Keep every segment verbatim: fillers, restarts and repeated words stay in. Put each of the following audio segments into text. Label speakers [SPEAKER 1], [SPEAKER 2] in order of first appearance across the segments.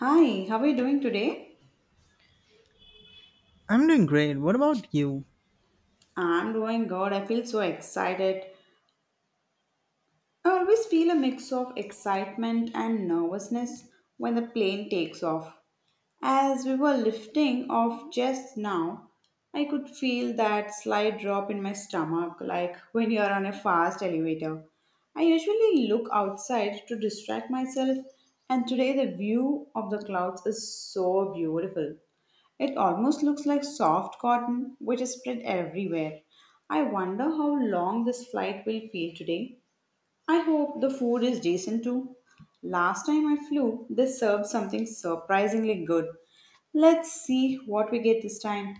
[SPEAKER 1] Hi, how are you doing today?
[SPEAKER 2] I'm doing great. What about you?
[SPEAKER 1] I'm doing good. I feel so excited. I always feel a mix of excitement and nervousness when the plane takes off. As we were lifting off just now, I could feel that slight drop in my stomach, like when you're on a fast elevator. I usually look outside to distract myself, and today the view of the clouds is so beautiful. It almost looks like soft cotton, which is spread everywhere. I wonder how long this flight will feel today. I hope the food is decent too. Last time I flew, they served something surprisingly good. Let's see what we get this time.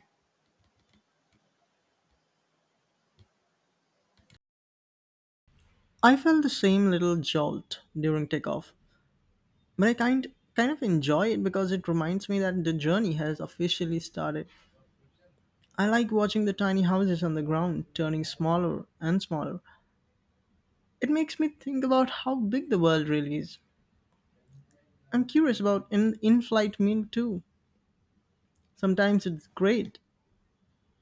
[SPEAKER 2] I felt the same little jolt during takeoff, but I kind kind of enjoy it because it reminds me that the journey has officially started. I like watching the tiny houses on the ground turning smaller and smaller. It makes me think about how big the world really is. I'm curious about an in-flight meal too. Sometimes it's great,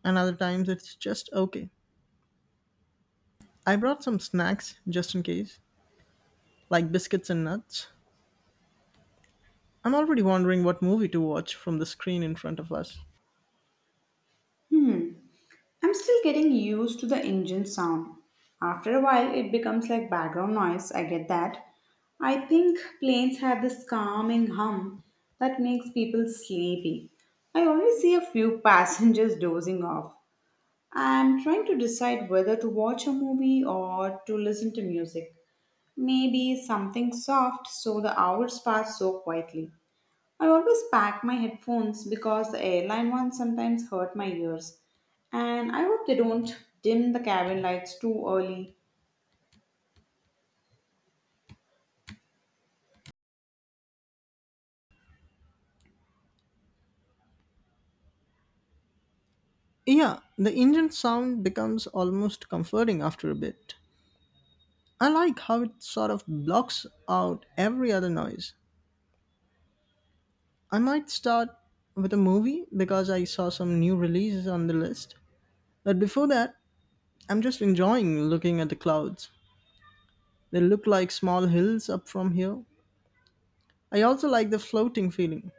[SPEAKER 2] and other times it's just okay. I brought some snacks just in case, like biscuits and nuts. I'm already wondering what movie to watch from the screen in front of us.
[SPEAKER 1] I'm still getting used to the engine sound. After a while, it becomes like background noise. I get that. I think planes have this calming hum that makes people sleepy. I always see a few passengers dozing off. I'm trying to decide whether to watch a movie or to listen to music. Maybe something soft so the hours pass so quietly. I always pack my headphones because the airline ones sometimes hurt my ears. And I hope they don't dim the cabin lights too early.
[SPEAKER 2] Yeah, the engine sound becomes almost comforting after a bit. I like how it sort of blocks out every other noise. I might start with a movie because I saw some new releases on the list. But before that, I'm just enjoying looking at the clouds. They look like small hills up from here. I also like the floating feeling.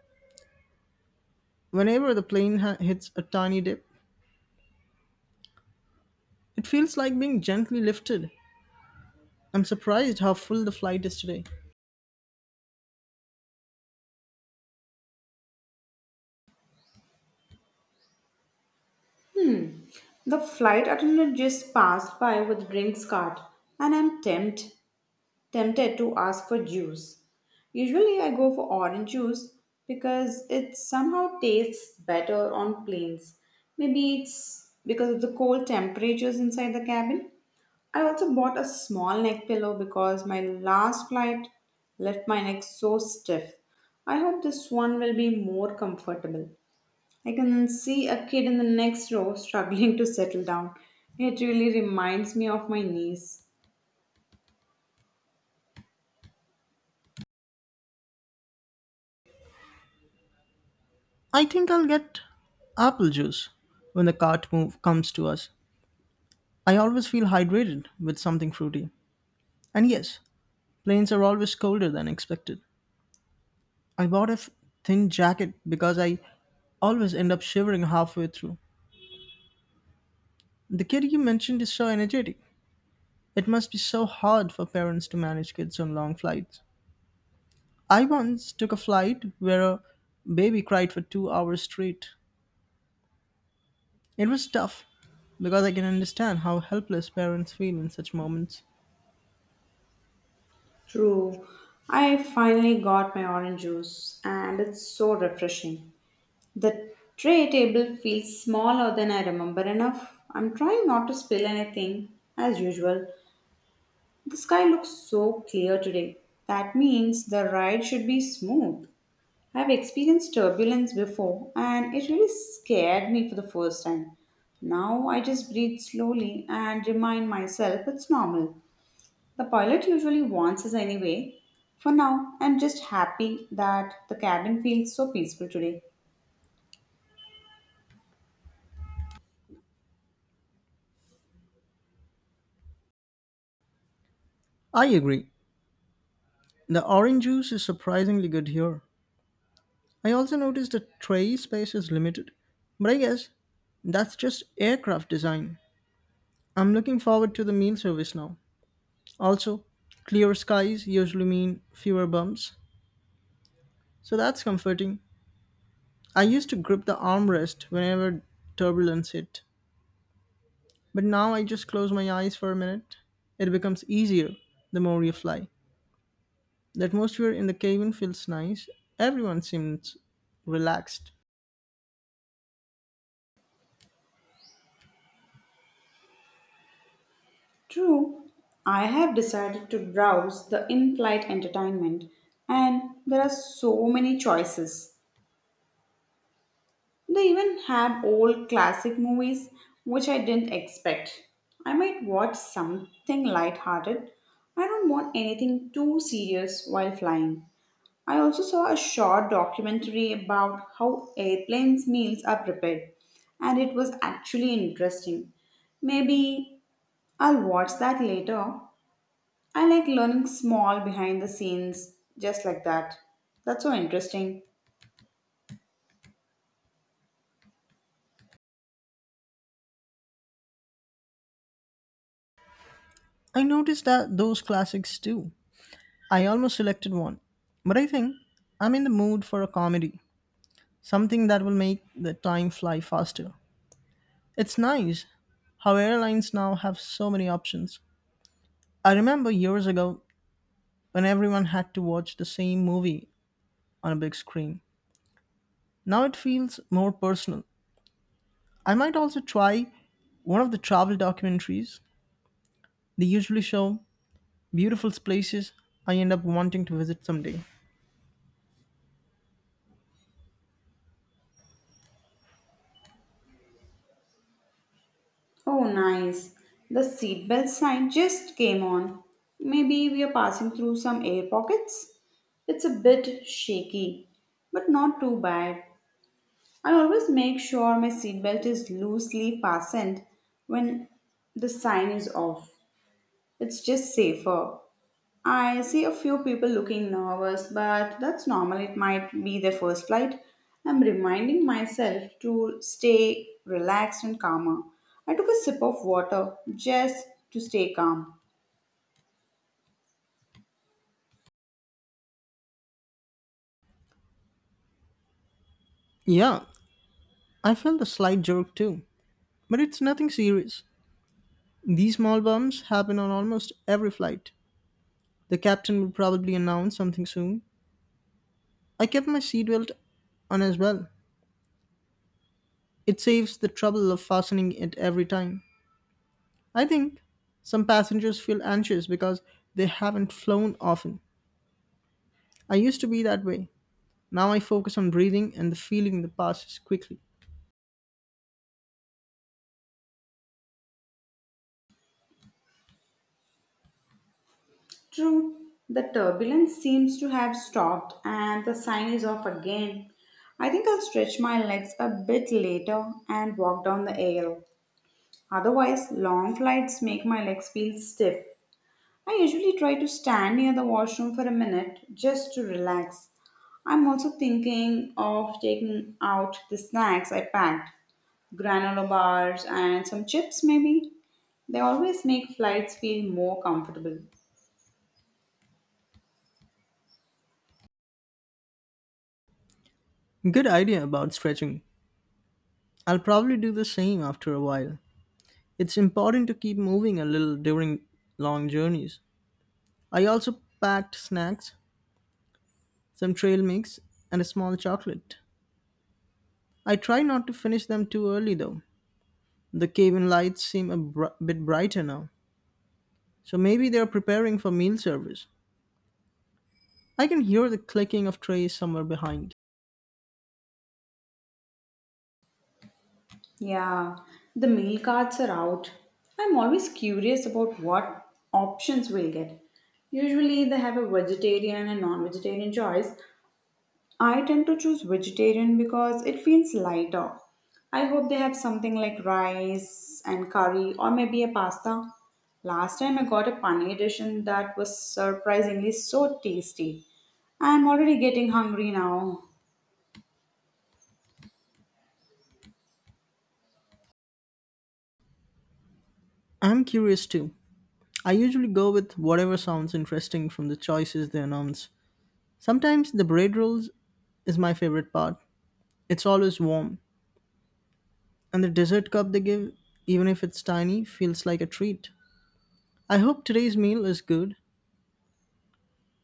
[SPEAKER 2] Whenever the plane ha- hits a tiny dip, it feels like being gently lifted. I'm surprised how full the flight is today.
[SPEAKER 1] The flight attendant just passed by with drinks cart and I'm tempt, tempted to ask for juice. Usually I go for orange juice because it somehow tastes better on planes. Maybe it's because of the cold temperatures inside the cabin. I also bought a small neck pillow because my last flight left my neck so stiff. I hope this one will be more comfortable. I can see a kid in the next row struggling to settle down. It really reminds me of my niece.
[SPEAKER 2] I think I'll get apple juice when the cart move comes to us. I always feel hydrated with something fruity. And yes, planes are always colder than expected. I bought a f- thin jacket because I always end up shivering halfway through. The kid you mentioned is so energetic. It must be so hard for parents to manage kids on long flights. I once took a flight where a baby cried for two hours straight. It was tough because I can understand how helpless parents feel in such moments.
[SPEAKER 1] True. I finally got my orange juice and it's so refreshing. The tray table feels smaller than I remember enough. I'm trying not to spill anything as usual. The sky looks so clear today. That means the ride should be smooth. I've experienced turbulence before and it really scared me for the first time. Now I just breathe slowly and remind myself it's normal. The pilot usually warns us anyway. For now, I'm just happy that the cabin feels so peaceful today.
[SPEAKER 2] I agree. The orange juice is surprisingly good here. I also noticed the tray space is limited, but I guess that's just aircraft design. I'm looking forward to the meal service now. Also, clear skies usually mean fewer bumps, so that's comforting. I used to grip the armrest whenever turbulence hit, but now I just close my eyes for a minute. It becomes easier the more you fly. The atmosphere in the cabin feels nice. Everyone seems relaxed.
[SPEAKER 1] True, I have decided to browse the in flight entertainment, and there are so many choices. They even had old classic movies, which I didn't expect. I might watch something lighthearted. I don't want anything too serious while flying. I also saw a short documentary about how airplanes' meals are prepared, and it was actually interesting. Maybe I'll watch that later. I like learning small behind the scenes just like that. That's so interesting.
[SPEAKER 2] I noticed that those classics too. I almost selected one, but I think I'm in the mood for a comedy, something that will make the time fly faster. It's nice how airlines now have so many options. I remember years ago when everyone had to watch the same movie on a big screen. Now it feels more personal. I might also try one of the travel documentaries they usually show. Beautiful places I end up wanting to visit someday.
[SPEAKER 1] Oh, nice. The seatbelt sign just came on. Maybe we are passing through some air pockets. It's a bit shaky, but not too bad. I always make sure my seatbelt is loosely fastened when the sign is off. It's just safer. I see a few people looking nervous, but that's normal. It might be their first flight. I'm reminding myself to stay relaxed and calmer. I took a sip of water just to stay calm.
[SPEAKER 2] Yeah, I felt a slight jerk too, but it's nothing serious. These small bumps happen on almost every flight. The captain will probably announce something soon. I kept my seatbelt on as well. It saves the trouble of fastening it every time. I think some passengers feel anxious because they haven't flown often. I used to be that way. Now I focus on breathing and the feeling that passes quickly.
[SPEAKER 1] True, the turbulence seems to have stopped and the sign is off again. I think I'll stretch my legs a bit later and walk down the aisle. Otherwise, long flights make my legs feel stiff. I usually try to stand near the washroom for a minute just to relax. I'm also thinking of taking out the snacks I packed granola bars and some chips, maybe. They always make flights feel more comfortable.
[SPEAKER 2] Good idea about stretching. I'll probably do the same after a while. It's important to keep moving a little during long journeys. I also packed snacks, some trail mix, and a small chocolate. I try not to finish them too early though. The cabin lights seem a br- bit brighter now, so maybe they're preparing for meal service. I can hear the clicking of trays somewhere behind.
[SPEAKER 1] Yeah, the meal cards are out. I'm always curious about what options we'll get. Usually, they have a vegetarian and non vegetarian choice. I tend to choose vegetarian because it feels lighter. I hope they have something like rice and curry or maybe a pasta. Last time I got a paneer dish and that was surprisingly so tasty. I'm already getting hungry now.
[SPEAKER 2] I'm curious too. I usually go with whatever sounds interesting from the choices they announce. Sometimes the bread rolls is my favorite part. It's always warm. And the dessert cup they give, even if it's tiny, feels like a treat. I hope today's meal is good.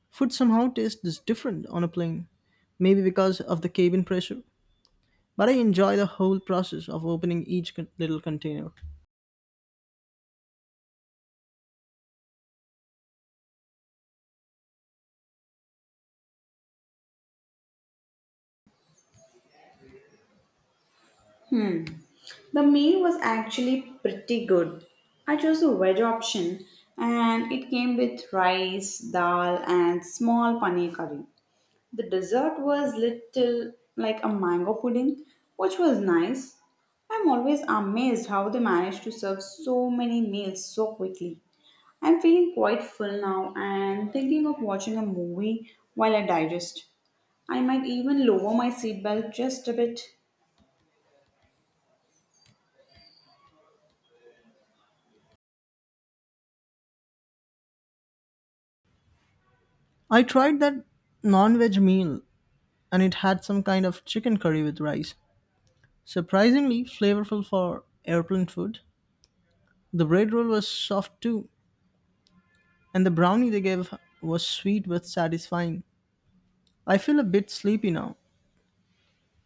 [SPEAKER 2] Food somehow tastes different on a plane, maybe because of the cabin pressure. But I enjoy the whole process of opening each con- little container.
[SPEAKER 1] The meal was actually pretty good. I chose the veg option and it came with rice, dal and small paneer curry. The dessert was little like a mango pudding, which was nice. I'm always amazed how they manage to serve so many meals so quickly. I'm feeling quite full now and thinking of watching a movie while I digest. I might even lower my seatbelt just a bit.
[SPEAKER 2] I tried that non veg meal and it had some kind of chicken curry with rice. Surprisingly flavorful for airplane food. The bread roll was soft too, and the brownie they gave was sweet but satisfying. I feel a bit sleepy now,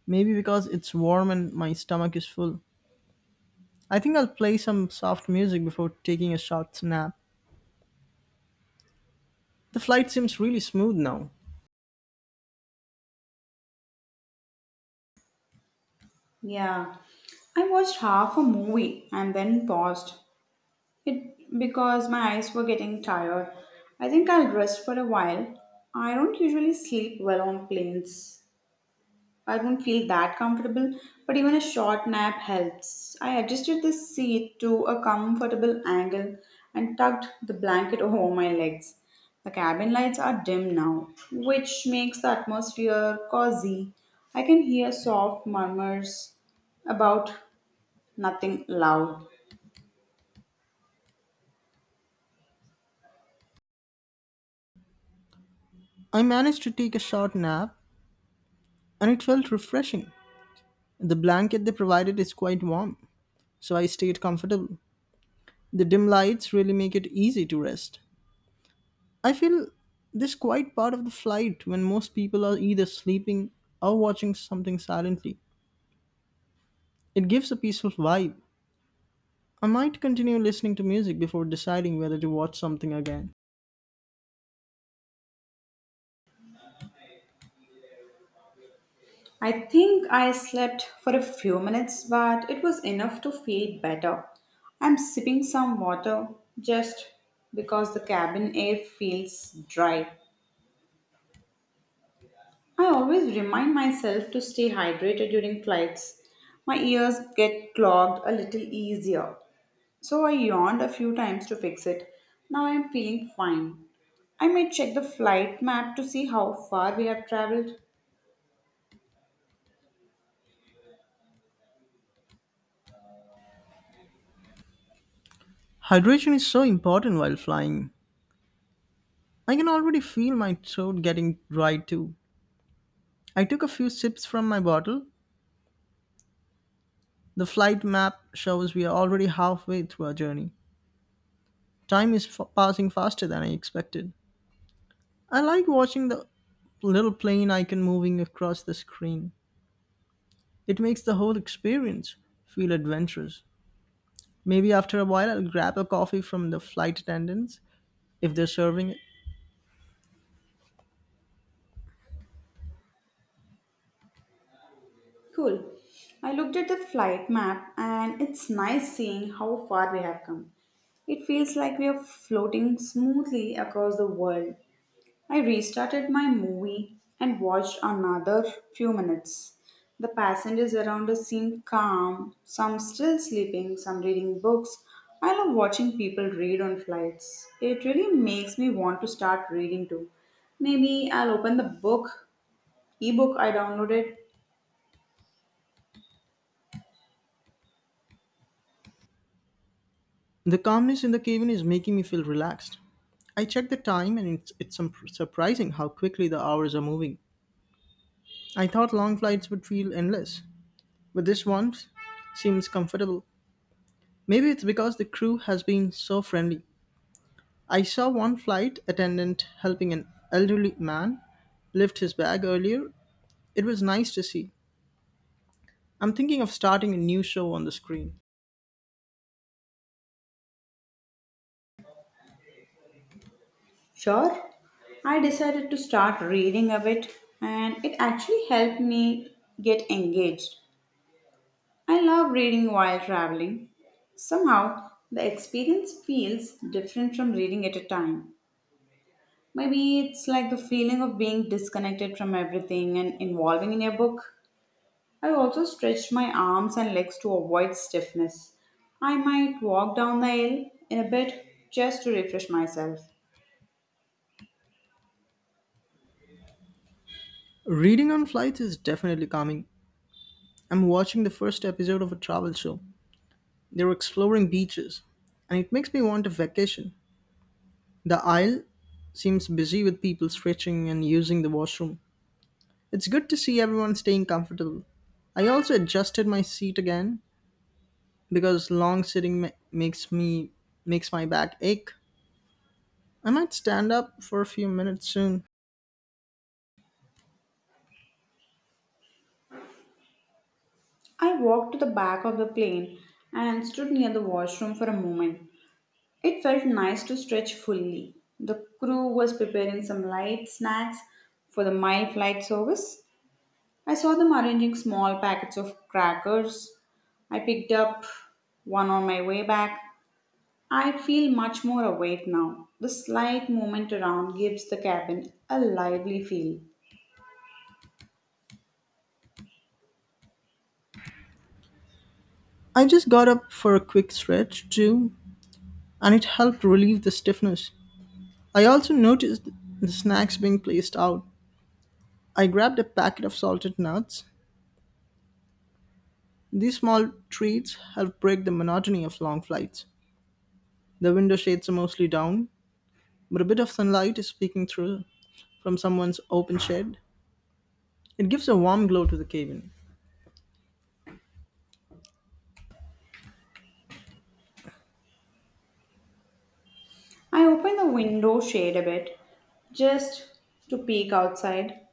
[SPEAKER 2] maybe because it's warm and my stomach is full. I think I'll play some soft music before taking a short nap. The flight seems really smooth now.
[SPEAKER 1] Yeah. I watched half a movie and then paused it because my eyes were getting tired. I think I'll rest for a while. I don't usually sleep well on planes. I don't feel that comfortable, but even a short nap helps. I adjusted the seat to a comfortable angle and tucked the blanket over my legs. The cabin lights are dim now, which makes the atmosphere cozy. I can hear soft murmurs about nothing loud.
[SPEAKER 2] I managed to take a short nap and it felt refreshing. The blanket they provided is quite warm, so I stayed comfortable. The dim lights really make it easy to rest. I feel this quiet part of the flight when most people are either sleeping or watching something silently. It gives a peaceful vibe. I might continue listening to music before deciding whether to watch something again.
[SPEAKER 1] I think I slept for a few minutes, but it was enough to feel better. I'm sipping some water just because the cabin air feels dry. I always remind myself to stay hydrated during flights. My ears get clogged a little easier, so I yawned a few times to fix it. Now I'm feeling fine. I may check the flight map to see how far we have traveled.
[SPEAKER 2] Hydration is so important while flying. I can already feel my throat getting dry too. I took a few sips from my bottle. The flight map shows we are already halfway through our journey. Time is f- passing faster than I expected. I like watching the little plane icon moving across the screen. It makes the whole experience feel adventurous. Maybe after a while I'll grab a coffee from the flight attendants if they're serving it.
[SPEAKER 1] Cool. I looked at the flight map and it's nice seeing how far we have come. It feels like we are floating smoothly across the world. I restarted my movie and watched another few minutes. The passengers around us seemed calm, some still sleeping, some reading books. I love watching people read on flights. It really makes me want to start reading too. Maybe I'll open the book, ebook I downloaded.
[SPEAKER 2] The calmness in the cabin is making me feel relaxed. I checked the time and it's, it's some surprising how quickly the hours are moving. I thought long flights would feel endless, but this one seems comfortable. Maybe it's because the crew has been so friendly. I saw one flight attendant helping an elderly man lift his bag earlier. It was nice to see. I'm thinking of starting a new show on the screen.
[SPEAKER 1] Sure. I decided to start reading a bit, and it actually helped me get engaged. I love reading while traveling. Somehow, the experience feels different from reading at a time. Maybe it's like the feeling of being disconnected from everything and involving in a book. I also stretched my arms and legs to avoid stiffness. I might walk down the aisle in a bit just to refresh myself.
[SPEAKER 2] Reading on flights is definitely calming. I'm watching the first episode of a travel show. They're exploring beaches, and it makes me want a vacation. The aisle seems busy with people stretching and using the washroom. It's good to see everyone staying comfortable. I also adjusted my seat again because long sitting ma- makes me makes my back ache. I might stand up for a few minutes soon.
[SPEAKER 1] I walked to the back of the plane and stood near the washroom for a moment. It felt nice to stretch fully. The crew was preparing some light snacks for the mild flight service. I saw them arranging small packets of crackers. I picked up one on my way back. I feel much more awake now. The slight movement around gives the cabin a lively feel.
[SPEAKER 2] I just got up for a quick stretch too, and it helped relieve the stiffness. I also noticed the snacks being placed out. I grabbed a packet of salted nuts. These small treats help break the monotony of long flights. The window shades are mostly down, but a bit of sunlight is peeking through from someone's open shed. It gives a warm glow to the cabin.
[SPEAKER 1] I opened the window shade a bit just to peek outside.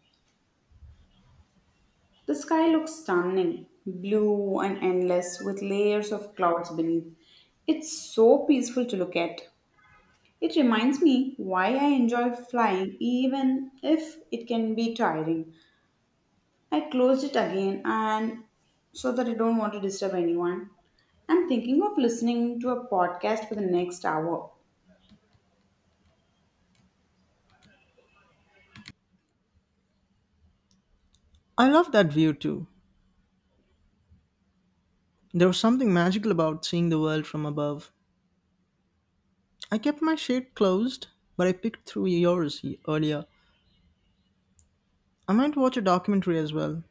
[SPEAKER 1] The sky looks stunning, blue and endless with layers of clouds beneath. It's so peaceful to look at. It reminds me why I enjoy flying even if it can be tiring. I closed it again and so that I don't want to disturb anyone. I'm thinking of listening to a podcast for the next hour.
[SPEAKER 2] I love that view too. There was something magical about seeing the world from above. I kept my shade closed, but I picked through yours y- earlier. I might watch a documentary as well.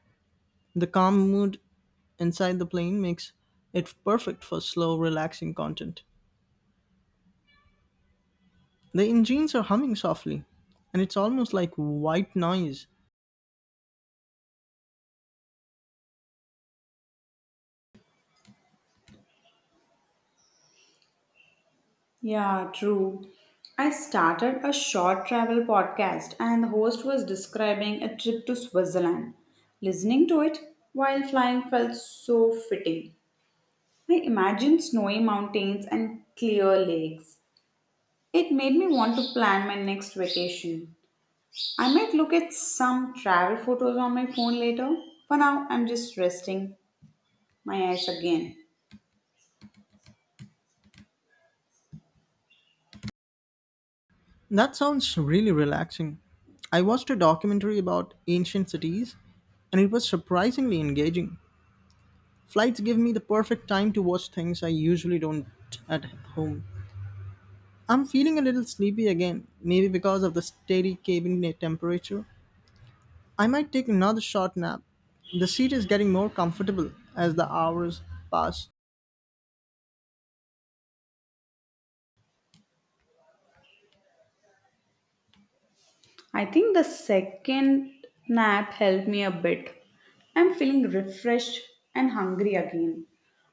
[SPEAKER 2] The calm mood inside the plane makes it perfect for slow, relaxing content. The engines are humming softly, and it's almost like white noise.
[SPEAKER 1] Yeah, true. I started a short travel podcast, and the host was describing a trip to Switzerland. Listening to it while flying felt so fitting. I imagined snowy mountains and clear lakes. It made me want to plan my next vacation. I might look at some travel photos on my phone later. For now, I'm just resting my eyes again.
[SPEAKER 2] That sounds really relaxing. I watched a documentary about ancient cities and it was surprisingly engaging. Flights give me the perfect time to watch things I usually don't at home. I'm feeling a little sleepy again, maybe because of the steady cabin ne- temperature. I might take another short nap. The seat is getting more comfortable as the hours pass.
[SPEAKER 1] I think the second nap helped me a bit. I'm feeling refreshed and hungry again.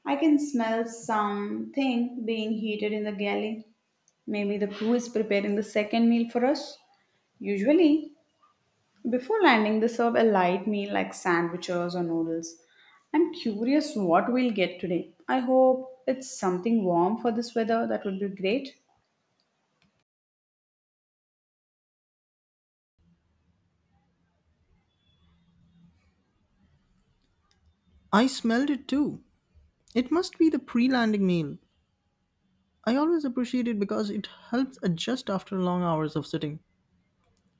[SPEAKER 1] I can smell something being heated in the galley. Maybe the crew is preparing the second meal for us. Usually, before landing, they serve a light meal like sandwiches or noodles. I'm curious what we'll get today. I hope it's something warm for this weather. That would be great.
[SPEAKER 2] I smelled it too. It must be the pre landing meal. I always appreciate it because it helps adjust after long hours of sitting.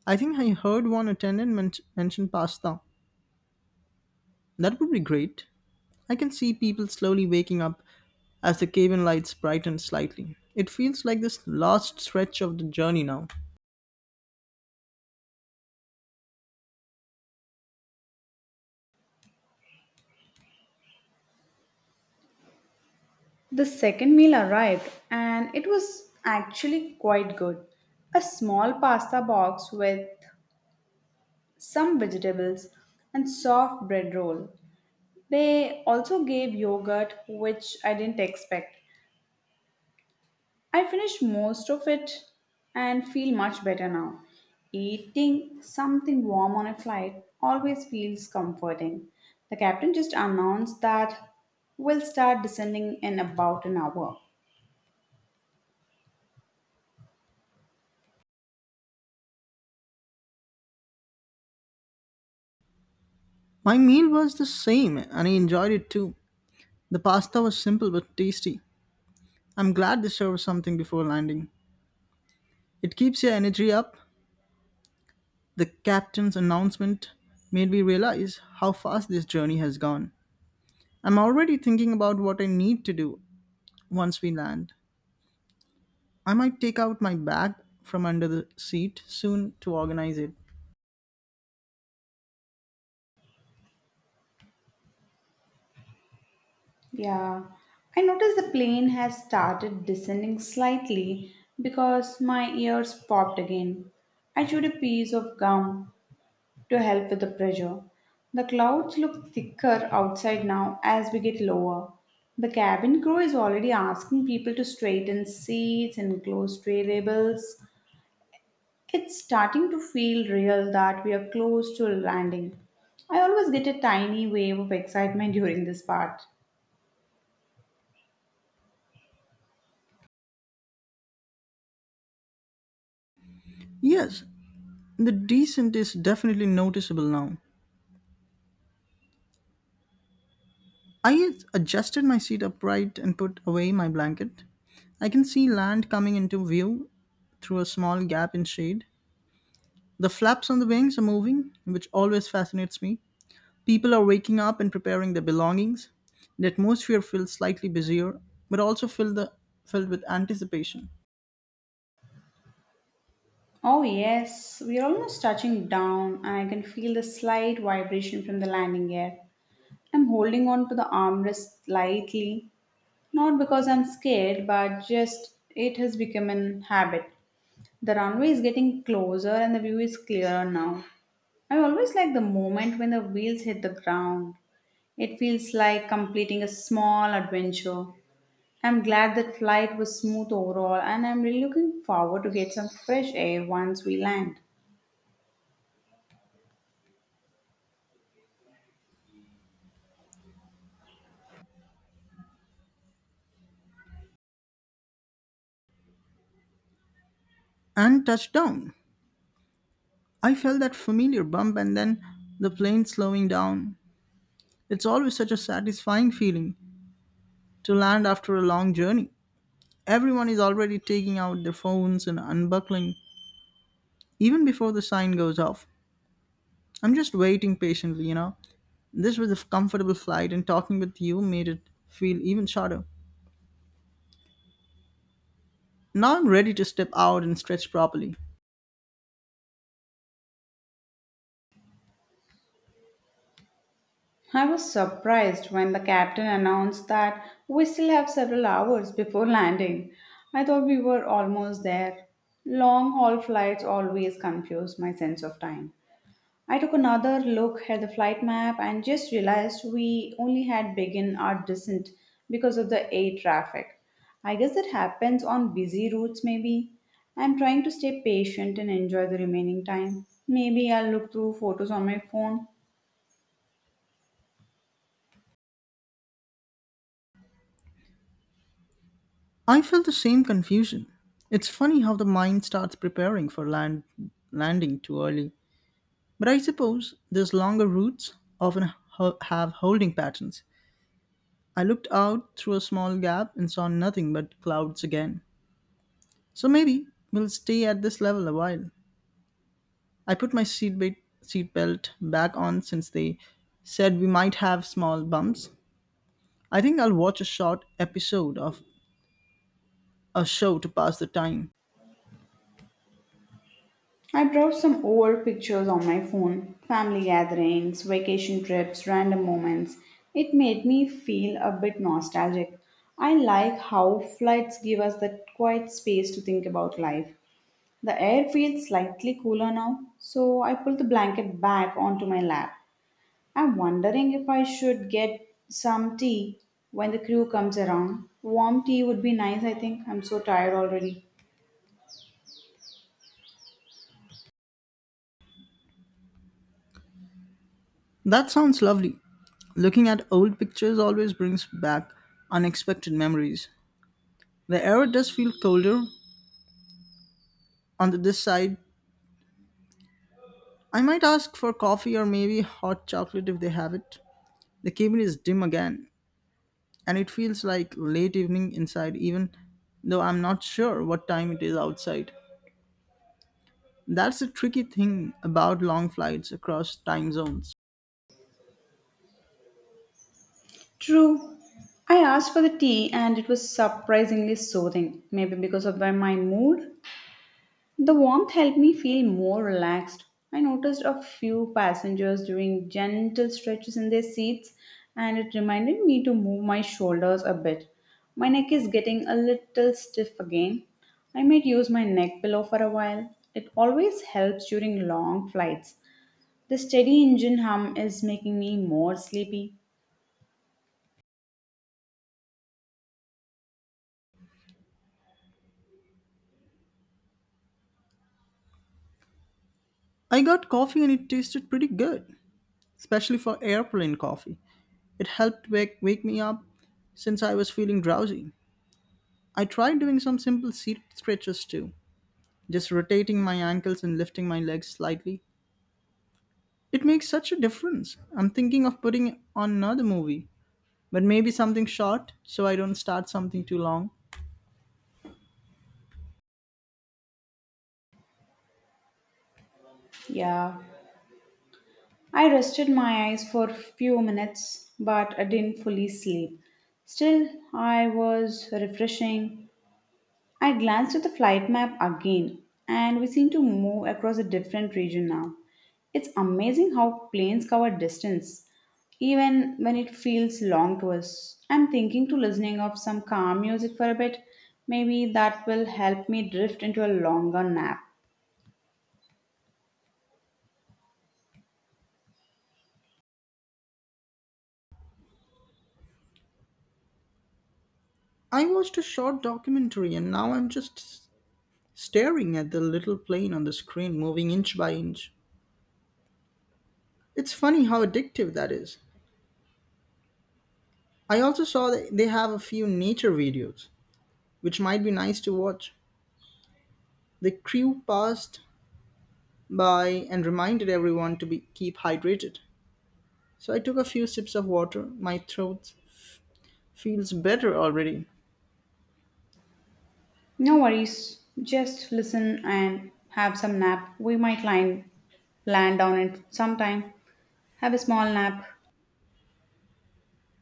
[SPEAKER 2] I think I heard one attendant men- mention pasta. That would be great. I can see people slowly waking up as the cabin lights brighten slightly. It feels like this last stretch of the journey now.
[SPEAKER 1] The second meal arrived and it was actually quite good. A small pasta box with some vegetables and soft bread roll. They also gave yogurt, which I didn't expect. I finished most of it and feel much better now. Eating something warm on a flight always feels comforting. The captain just announced that we'll start descending in about an hour.
[SPEAKER 2] My meal was the same and I enjoyed it too. The pasta was simple but tasty. I'm glad they served something before landing. It keeps your energy up. The captain's announcement made me realize how fast this journey has gone. I'm already thinking about what I need to do once we land. I might take out my bag from under the seat soon to organize it.
[SPEAKER 1] Yeah, I noticed the plane has started descending slightly because my ears popped again. I chewed a piece of gum to help with the pressure. The clouds look thicker outside now as we get lower. The cabin crew is already asking people to straighten seats and close tray labels. It's starting to feel real that we are close to landing. I always get a tiny wave of excitement during this part.
[SPEAKER 2] Yes, the descent is definitely noticeable now. I adjusted my seat upright and put away my blanket. I can see land coming into view through a small gap in shade. The flaps on the wings are moving, which always fascinates me. People are waking up and preparing their belongings. The atmosphere feels slightly busier, but also filled, the, filled with anticipation.
[SPEAKER 1] Oh, yes, we're almost touching down, and I can feel the slight vibration from the landing gear. I'm holding on to the armrest lightly, not because I'm scared, but just it has become an habit. The runway is getting closer, and the view is clearer now. I always like the moment when the wheels hit the ground. It feels like completing a small adventure. I'm glad that flight was smooth overall, and I'm really looking forward to get some fresh air once we land.
[SPEAKER 2] And touchdown. I felt that familiar bump and then the plane slowing down. It's always such a satisfying feeling to land after a long journey. Everyone is already taking out their phones and unbuckling even before the sign goes off. I'm just waiting patiently, you know. This was a comfortable flight and talking with you made it feel even shorter. Now I'm ready to step out and stretch properly.
[SPEAKER 1] I was surprised when the captain announced that we still have several hours before landing. I thought we were almost there. Long haul flights always confuse my sense of time. I took another look at the flight map and just realized we only had begun our descent because of the air traffic. I guess that happens on busy routes, maybe. I'm trying to stay patient and enjoy the remaining time. Maybe I'll look through photos on my phone.
[SPEAKER 2] I felt the same confusion. It's funny how the mind starts preparing for land landing too early. But I suppose these longer routes often ho- have holding patterns. I looked out through a small gap and saw nothing but clouds again. So maybe we'll stay at this level a while. I put my seatbelt seatbelt back on since they said we might have small bumps. I think I'll watch a short episode of a show to pass the time.
[SPEAKER 1] I brought some old pictures on my phone family gatherings, vacation trips, random moments. It made me feel a bit nostalgic. I like how flights give us that quiet space to think about life. The air feels slightly cooler now, so I pull the blanket back onto my lap. I'm wondering if I should get some tea when the crew comes around. Warm tea would be nice, I think. I'm so tired already.
[SPEAKER 2] That sounds lovely. Looking at old pictures always brings back unexpected memories. The air does feel colder on the this side. I might ask for coffee or maybe hot chocolate if they have it. The cabin is dim again, and it feels like late evening inside, even though I'm not sure what time it is outside. That's the tricky thing about long flights across time zones.
[SPEAKER 1] True. I asked for the tea and it was surprisingly soothing, maybe because of my my mood. The warmth helped me feel more relaxed. I noticed a few passengers doing gentle stretches in their seats and it reminded me to move my shoulders a bit. My neck is getting a little stiff again. I might use my neck pillow for a while. It always helps during long flights. The steady engine hum is making me more sleepy.
[SPEAKER 2] I got coffee and it tasted pretty good, especially for airplane coffee. It helped wake, wake me up since I was feeling drowsy. I tried doing some simple seat stretches too, just rotating my ankles and lifting my legs slightly. It makes such a difference. I'm thinking of putting on another movie, but maybe something short so I don't start something too long.
[SPEAKER 1] Yeah. I rested my eyes for few minutes, but I didn't fully sleep. Still, I was refreshing. I glanced at the flight map again, and we seemed to move across a different region now. It's amazing how planes cover distance, even when it feels long to us. I'm thinking to listening of some calm music for a bit. Maybe that will help me drift into a longer nap.
[SPEAKER 2] I watched a short documentary and now I'm just s- staring at the little plane on the screen moving inch by inch. It's funny how addictive that is. I also saw that they have a few nature videos, which might be nice to watch. The crew passed by and reminded everyone to be keep hydrated. So I took a few sips of water. My throat feels better already.
[SPEAKER 1] No worries. Just listen and have some nap. We might line, land on it sometime. Have a small nap.